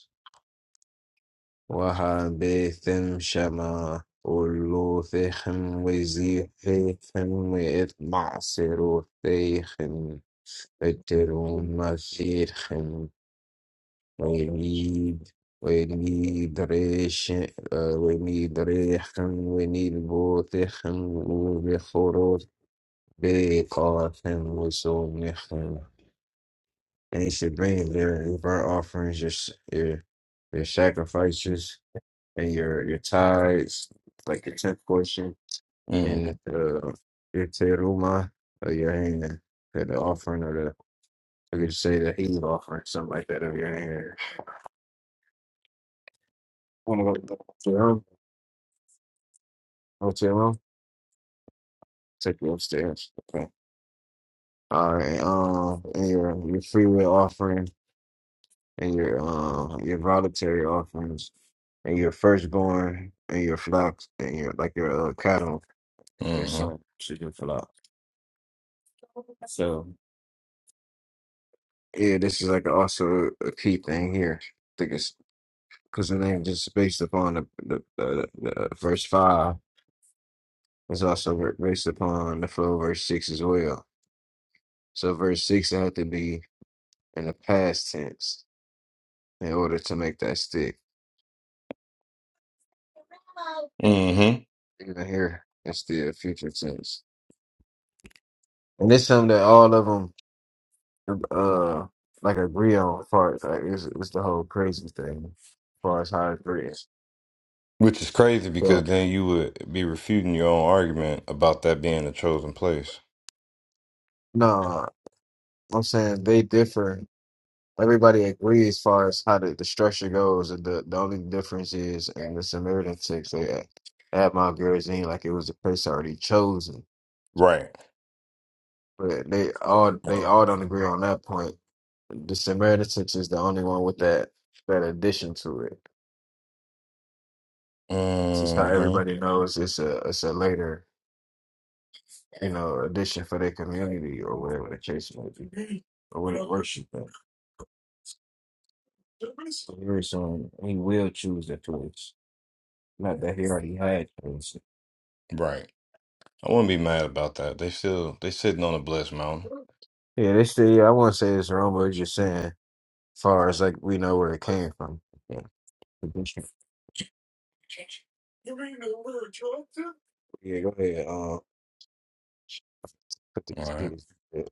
وحبيثم شما ولوثهم وزيحيهم وإطمعصروثيهم اترون مسيرهم. We need, we need rich, uh, we need rechem, we need botechem, ubechorot, beikachem, usonichem. And you should bring your burnt offerings, your, your, your sacrifices, and your your tithes, like your tenth portion, Mm-hmm. and uh, your teruma of your hand, and the offering or the I could say the heave offering, something like that of your hand. Want to go to your room? Go to your room? Take you upstairs. Okay. All right. Um, and your your free will offering, and your um your voluntary offerings, and your firstborn, and your flocks, and your like your uh, cattle, your Mm-hmm. son, should your flock. So. Yeah, this is like also a key thing here. I think it's because the name just based upon the the, the, the uh, verse five is also ver- based upon the flow of verse six as well. So verse six had to be in the past tense in order to make that stick. Mm-hmm. Even here, it's still future tense, and it's something that all of them uh like agree on. As far as like it's, it's the whole crazy thing, as far as how it agrees. Which is crazy because So then you would be refuting your own argument about that being a chosen place. no, I'm saying they differ Everybody agrees as far as how the, the structure goes, and the, the only difference is in the Samaritan text they had, they had Mount Gerizim like it was a place already chosen, Right. but they all they all don't agree on that point. The Samaritan text is the only one with that that addition to it. This is how Mm-hmm. everybody knows it's a it's a later you know addition for their community or whatever the case may be, or what it worship. at. So here is, um, He will choose the place, not that he already had. chosen. Right. I wouldn't be mad about that. They still they sitting on a blessed mountain. Yeah, they still. Yeah, I won't say it's wrong, but it's just saying, as far as like we know where it came from. Yeah, yeah go ahead. Um, put All these right. kids. Yeah,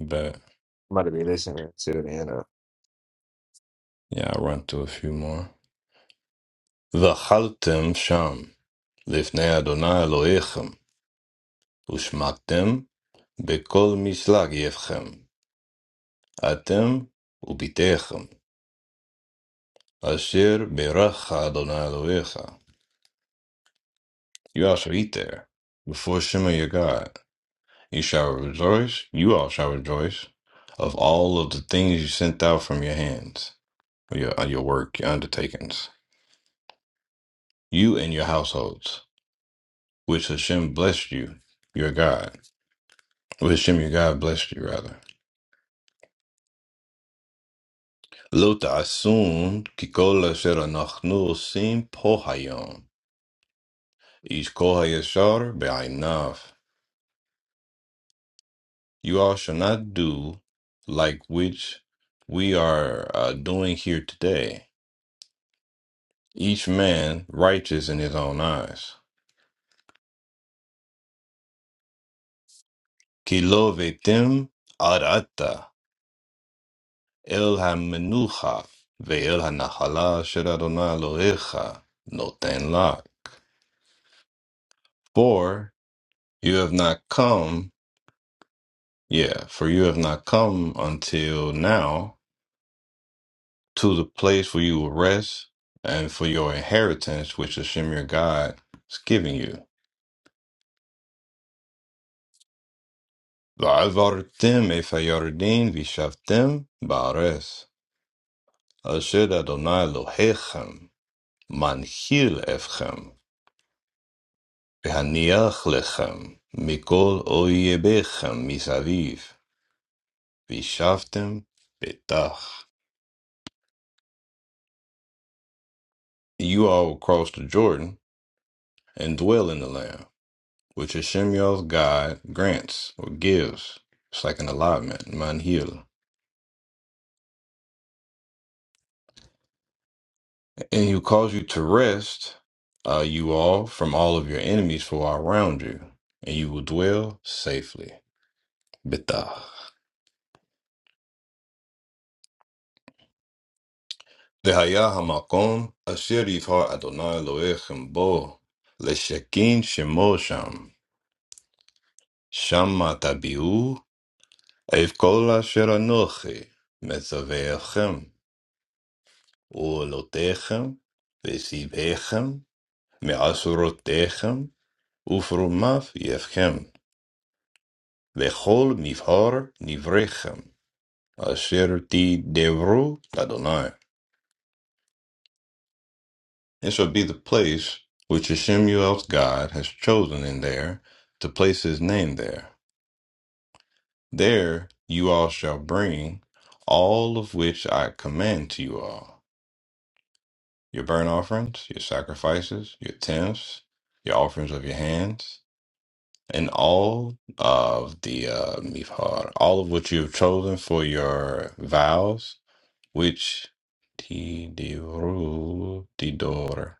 But might be listening to the end of. yeah, I'll run through a few more. V'chaltem sham lifnei Adonai Elohechem ushmaktem בכל משלג יבכם, atem וביתכם, asher beracha adonai אלוהיך. You also eat there, before Shema your God. You shall rejoice, you all shall rejoice, of all of the things you sent out from your hands, your, your work, your undertakings. you and your households, which Hashem blessed you, your God, which Hashem your God blessed you rather. Lo ta'asun ki kol asher anachnu osim po hayom, ish kol hayashar be'aynav. You all shall not do like which we are uh, doing here today. Each man righteous in his own eyes. Ki lo ve'tem arata. אל המנוחה ואל הנחלה אשר אדוני אלוהיך נותן לך. For you have not come, yeah, for you have not come until now to the place where you will rest and for your inheritance which Hashem your God is giving you. ועברתם את הירדן וישבתם בארץ, אשר אדוני אלוהיכם מנחיל אתכם והניח לכם מכל אויביכם מסביב, וישבתם בטח. You all will cross the Jordan and dwell in the land, which Hashem your God grants or gives. It's like an allotment, manhil. And he will cause you to rest, uh, you all, from all of your enemies who are around you, and you will dwell safely. Betah. The hayah hamakom asher yifhar Adonai loechem bo leshakin shemosham shama tabi'u evkola shera noche mezavechem u lo techem ve si techem me'asuro techem ufrumav yevchem ve chol mifhar nivrechem asher ti devru Adonai. It shall be the place which Shemuel's God has chosen in there to place his name there. There you all shall bring all of which I command to you all your burnt offerings, your sacrifices, your tenths, your offerings of your hands, and all of the uh, mifhar, all of which you have chosen for your vows, which tidor.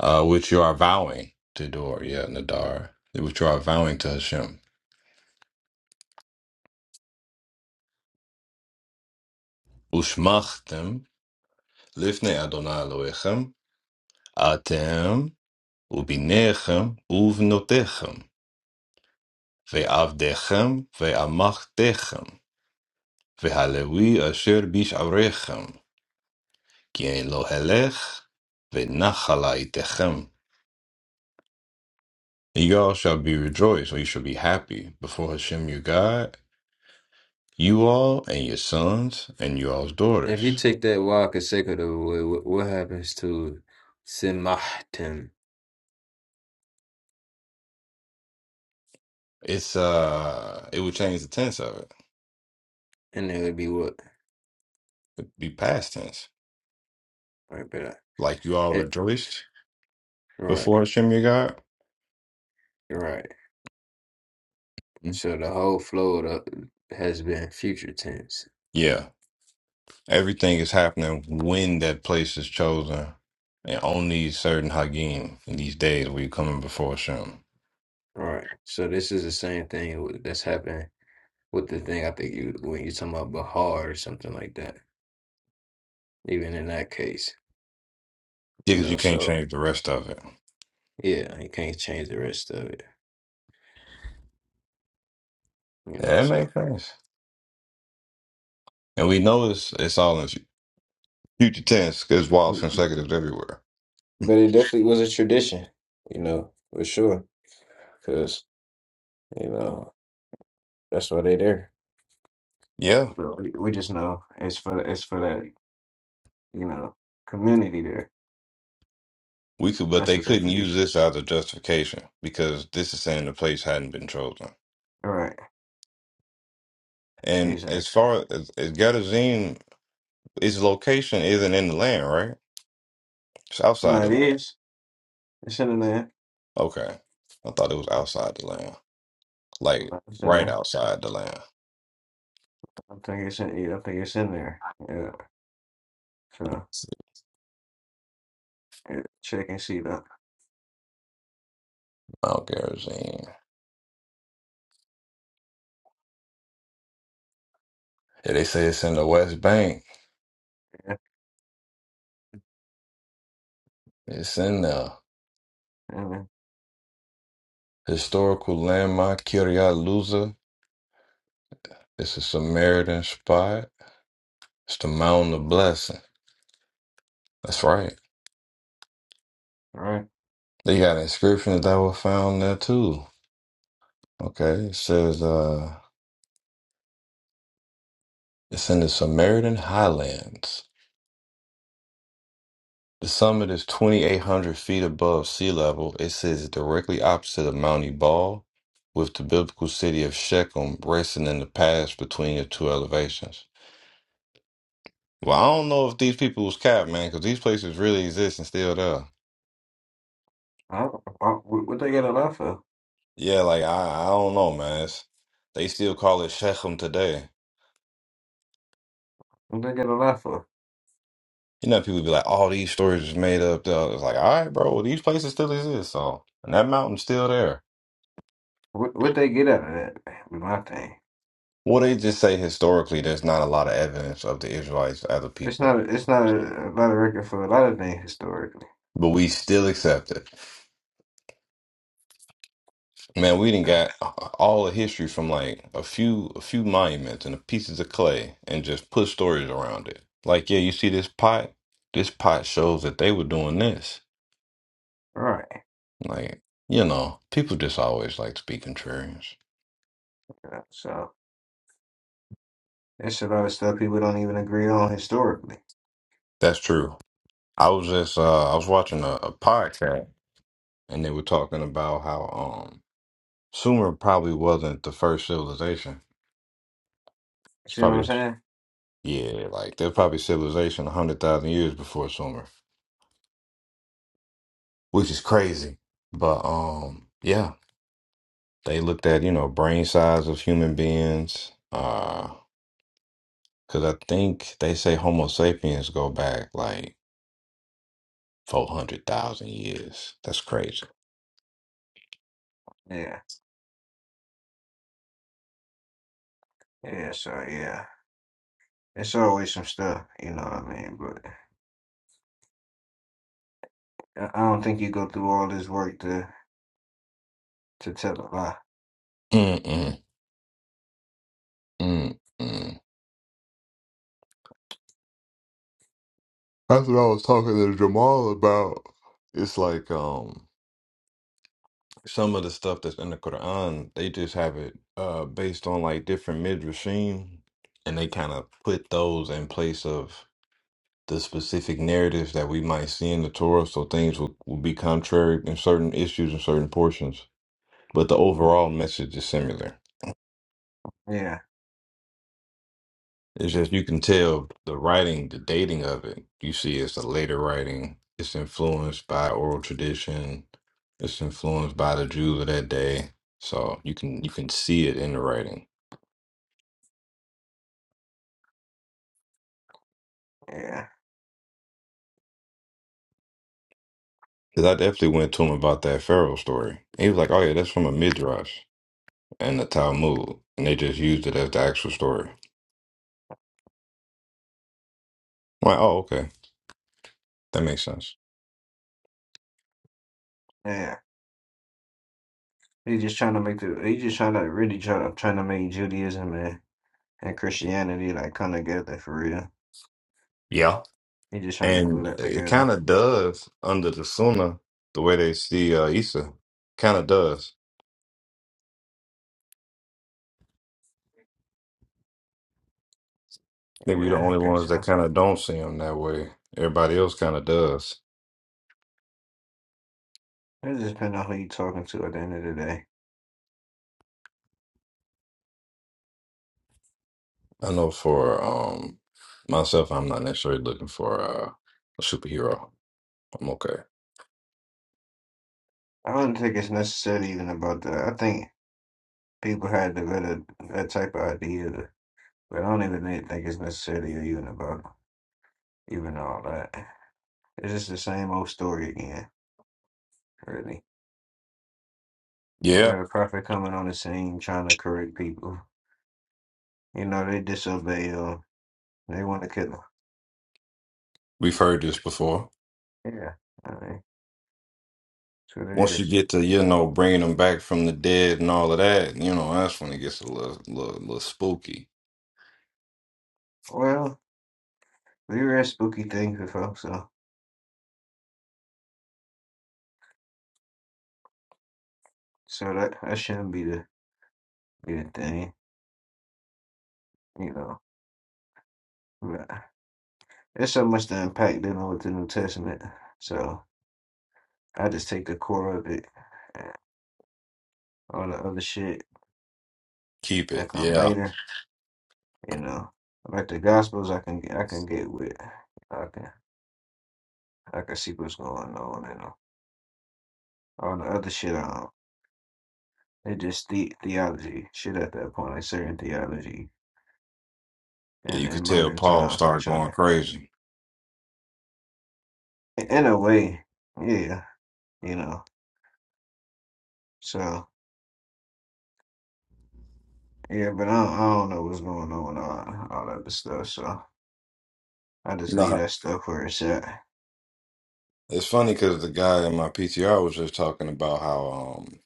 uh, which you are vowing to Dor, yeah, Nadar, which you are vowing to Hashem. Ushmachtem lifnei Adonai Elohechem, atem ubinechem uvnotechem, ve'avdechem ve'amachtechem, ve'halevi asher bisharechem, ki ein lo helech ve'nachalaitechem. You all shall be rejoiced, or you shall be happy before Hashem your God, you all and your sons and you all's If you daughters take that word consecutive away, what, what happens to Simahtim? It's uh, it would change the tense of it. And it would be what? It'd be past tense, Right, but uh, like you all it, rejoiced right, before Hashem your God. right. Mm. So the whole flow of the, has been future tense. Yeah, everything is happening when that place is chosen, and on these certain Hagim in these days where you're coming before Hashem. All Right. So this is the same thing with- that's happening with the thing I think you when you're talking about Bahar or something like that. even in that case, Yeah, you because know. you can't So change the rest of it. yeah, he can't change the rest of it, you know. Yeah, that So, makes sense. And we know it's it's all in future tense because while but consecutives everywhere. Mm. it definitely was a tradition, you know, for sure, because you know that's why they there. Yeah, But we we just know it's for it's for that you know community there. we could, but That's they what that couldn't use tradition. this as a justification because this is saying the place hadn't been chosen. All right, And as exactly. far as, as Gadazim, its location isn't in the land, right? It's No, outside it the land. is. It's in there. Okay. I thought it was outside the land. Like No, It's in right there. outside the land. I don't think it's in. yeah, I think it's in there. Yeah. So yeah, check and see that. Mount Gerizim. Yeah, they say it's in the West Bank. Yeah. It's in the And then, historical landmark Kiryat Luza. It's a Samaritan spot. It's the Mountain of Blessing. That's right. all right. They got inscriptions that were found there too. Okay. It says uh it's in the Samaritan Highlands. The summit is 2,800 feet above sea level. It sits directly opposite of Mount Ebal, with the biblical city of Shechem racing in the pass between the two elevations. Well, I don't know if these people was capped, man, because these places really exist and still there. I don't, why- what what they got a lot for? Yeah, like, I, I don't know, man. It's, they still call it Shechem today. What they get a lot for? You know, people be like, all these stories is made up. though." It's like, all right, bro, well, these places still exist. So, and that mountain's still there. What what they get out of that? Be my thing. Well, they just say historically, there's not a lot of evidence of the Israelites as a It's people. not. It's not a, a lot of record for a lot of things historically. but we still accept it. Man, we didn't All got all the history from like a few a few monuments and the pieces of clay and just put stories around it. Like, yeah, you see this pot? This pot shows that they were doing this. right. Like, you know, people just always like to be contrarians. uh, So it's a lot of stuff people don't even agree on historically. That's true. I was just uh I was watching a, a podcast and they were talking about how um Sumer probably wasn't the first civilization. It's See what I'm probably saying? yeah, like there's probably civilization a hundred thousand years before Sumer. which is crazy. But um, yeah, they looked at, you know, brain size of human beings. uh, because I think they say Homo sapiens go back like 400,000 years. That's crazy. Yeah. Yeah. So yeah, it's always some stuff. You know what I mean? But I I don't think you go through all this work to to tell a lie. Mm-mm, mm-mm. That's what I was talking to Jamal about. It's like um some of the stuff that's in the Quran, they just have it uh based on like different midrashim, and they kind of put those in place of the specific narratives that we might see in the Torah, so things will, will be contrary in certain issues and certain portions. But the overall message is similar. Yeah. It's just you can tell the writing, the dating of it. You see, it's a later writing. It's influenced by oral tradition. It's influenced by the Jews of that day. So you can you can see it in the writing. Yeah. Cause I definitely went to him about that Pharaoh story. And He was like, "Oh yeah, that's from a midrash and the Talmud," and they just used it as the actual story. I'm like, "Oh okay." That makes sense. Yeah. He just trying to make the. He just trying to really try to trying to make Judaism and, and Christianity like come together for real. Yeah. You just trying to glue And that it together. kind of does under the Sunnah, the way they see uh, Issa. Kind of does. I think we're the Yeah, I only guess ones that so. kind of don't see him that way. Everybody else kind of does. It just depends on who you talking to at the end of the day. I know for um myself, I'm not necessarily looking for uh, a superhero. I'm okay. I don't think it's necessarily even about that. I think people had the better that type of idea, but I don't even think think it's necessarily even about even all that. It's just the same old story again, really. You Yeah, got a prophet coming on the scene trying to correct people. You know, they disobey him. They want to kill him. we've heard this before. Yeah, I mean, that's what it Once you is. get to, you know, bringing them back from the dead and all of that, you know, that's when it gets a little, little, little spooky. Well, we read spooky things before, so so that, that shouldn't be the good thing. You know, But it's so much to unpack. dealing with the New Testament. So I just take the core of it. and All the other shit Keep it. that come Yeah. later. You know, like the Gospels, I can I can get with. I can I can see what's going on and all all the other shit. I don't. It just the theology shit at that point, like certain theology. Yeah, And you in could tell modern Paul times, they started trying going crazy. to, in a way, yeah, you know. So. Yeah, but I don't, I don't know what's going on, uh, all that other stuff. So I You just know, leave how- that stuff where it's at. it's funny because the guy in my PTR was just talking about how um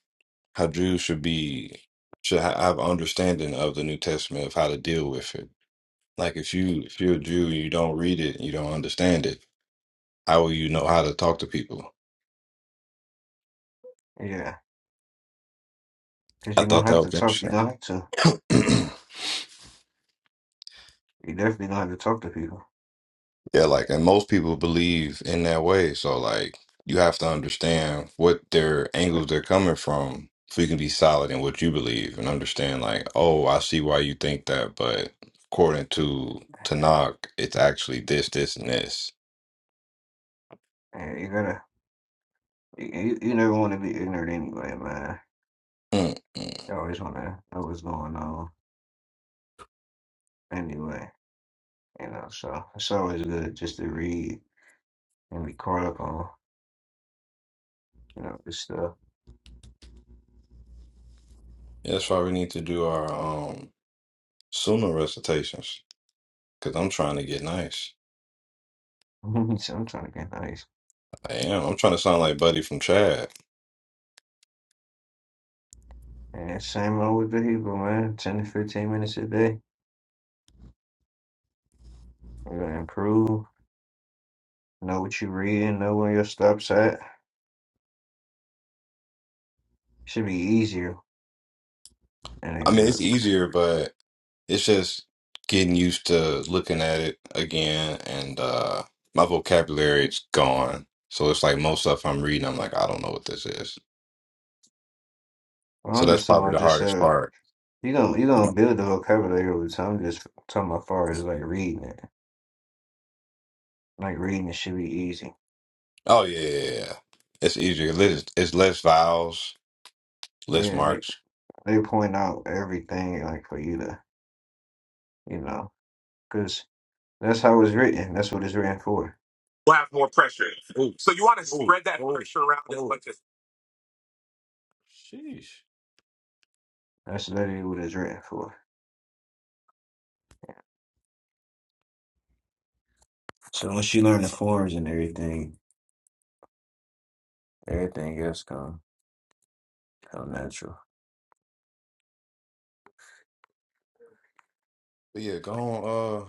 how Jews should be should ha have understanding of the New Testament of how to deal with it. Like if you if you're a Jew and you don't read it, you don't understand it. How will you know how to talk to people? Yeah, because I you're gonna thought that have to was talk. You're interesting. gonna have to. You definitely gonna have to talk to people. Yeah, like, and most people believe in that way. So, like, you have to understand what their Like, angles they're coming from so you can be solid in what you believe and understand, like, oh, I see why you think that, but according to Tanakh, it's actually this, this, and this. yeah, you gotta. You, you you never want to be ignorant anyway, man. Mm-mm. You always want to know what's going on anyway. You know, so it's always good just to read and be caught up on you know this stuff. That's why we need to do our um sunnah recitations because I'm trying to get nice. so I'm trying to get nice. I am. I'm trying to sound like Buddy from Chad. And same old with the Hebrew man, ten to fifteen minutes a day. We're gonna improve. Know what you read know where your stops at. Should be easier than a I mean, book. it's easier, but It's just getting used to looking at it again, and uh, my vocabulary is gone. So it's like most stuff I'm reading, I'm like, I don't know what this is. So I'm that's just talking probably about the just hardest uh part. you gonna you gonna build the vocabulary over time. I'm just talking about far as like reading it. Like reading it should be easy. Oh yeah, yeah, yeah. yeah. it's easier. It's, it's less vowels, less Yeah, they marks. they point out everything like for you to you know because that's how it's written. That's what it's written for. We'll have more pressure. Ooh, So you want to ooh, spread that ooh, pressure around as ooh. much as Sheesh. That's literally what it's written for. So once you learn the forms and everything, everything else come come natural. But yeah, go on, uh,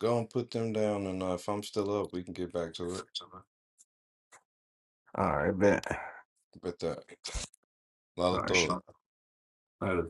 go and put them down, and uh, if I'm still up, we can get back to it. All right, bet. Bet that. All right, Lala sure. Later.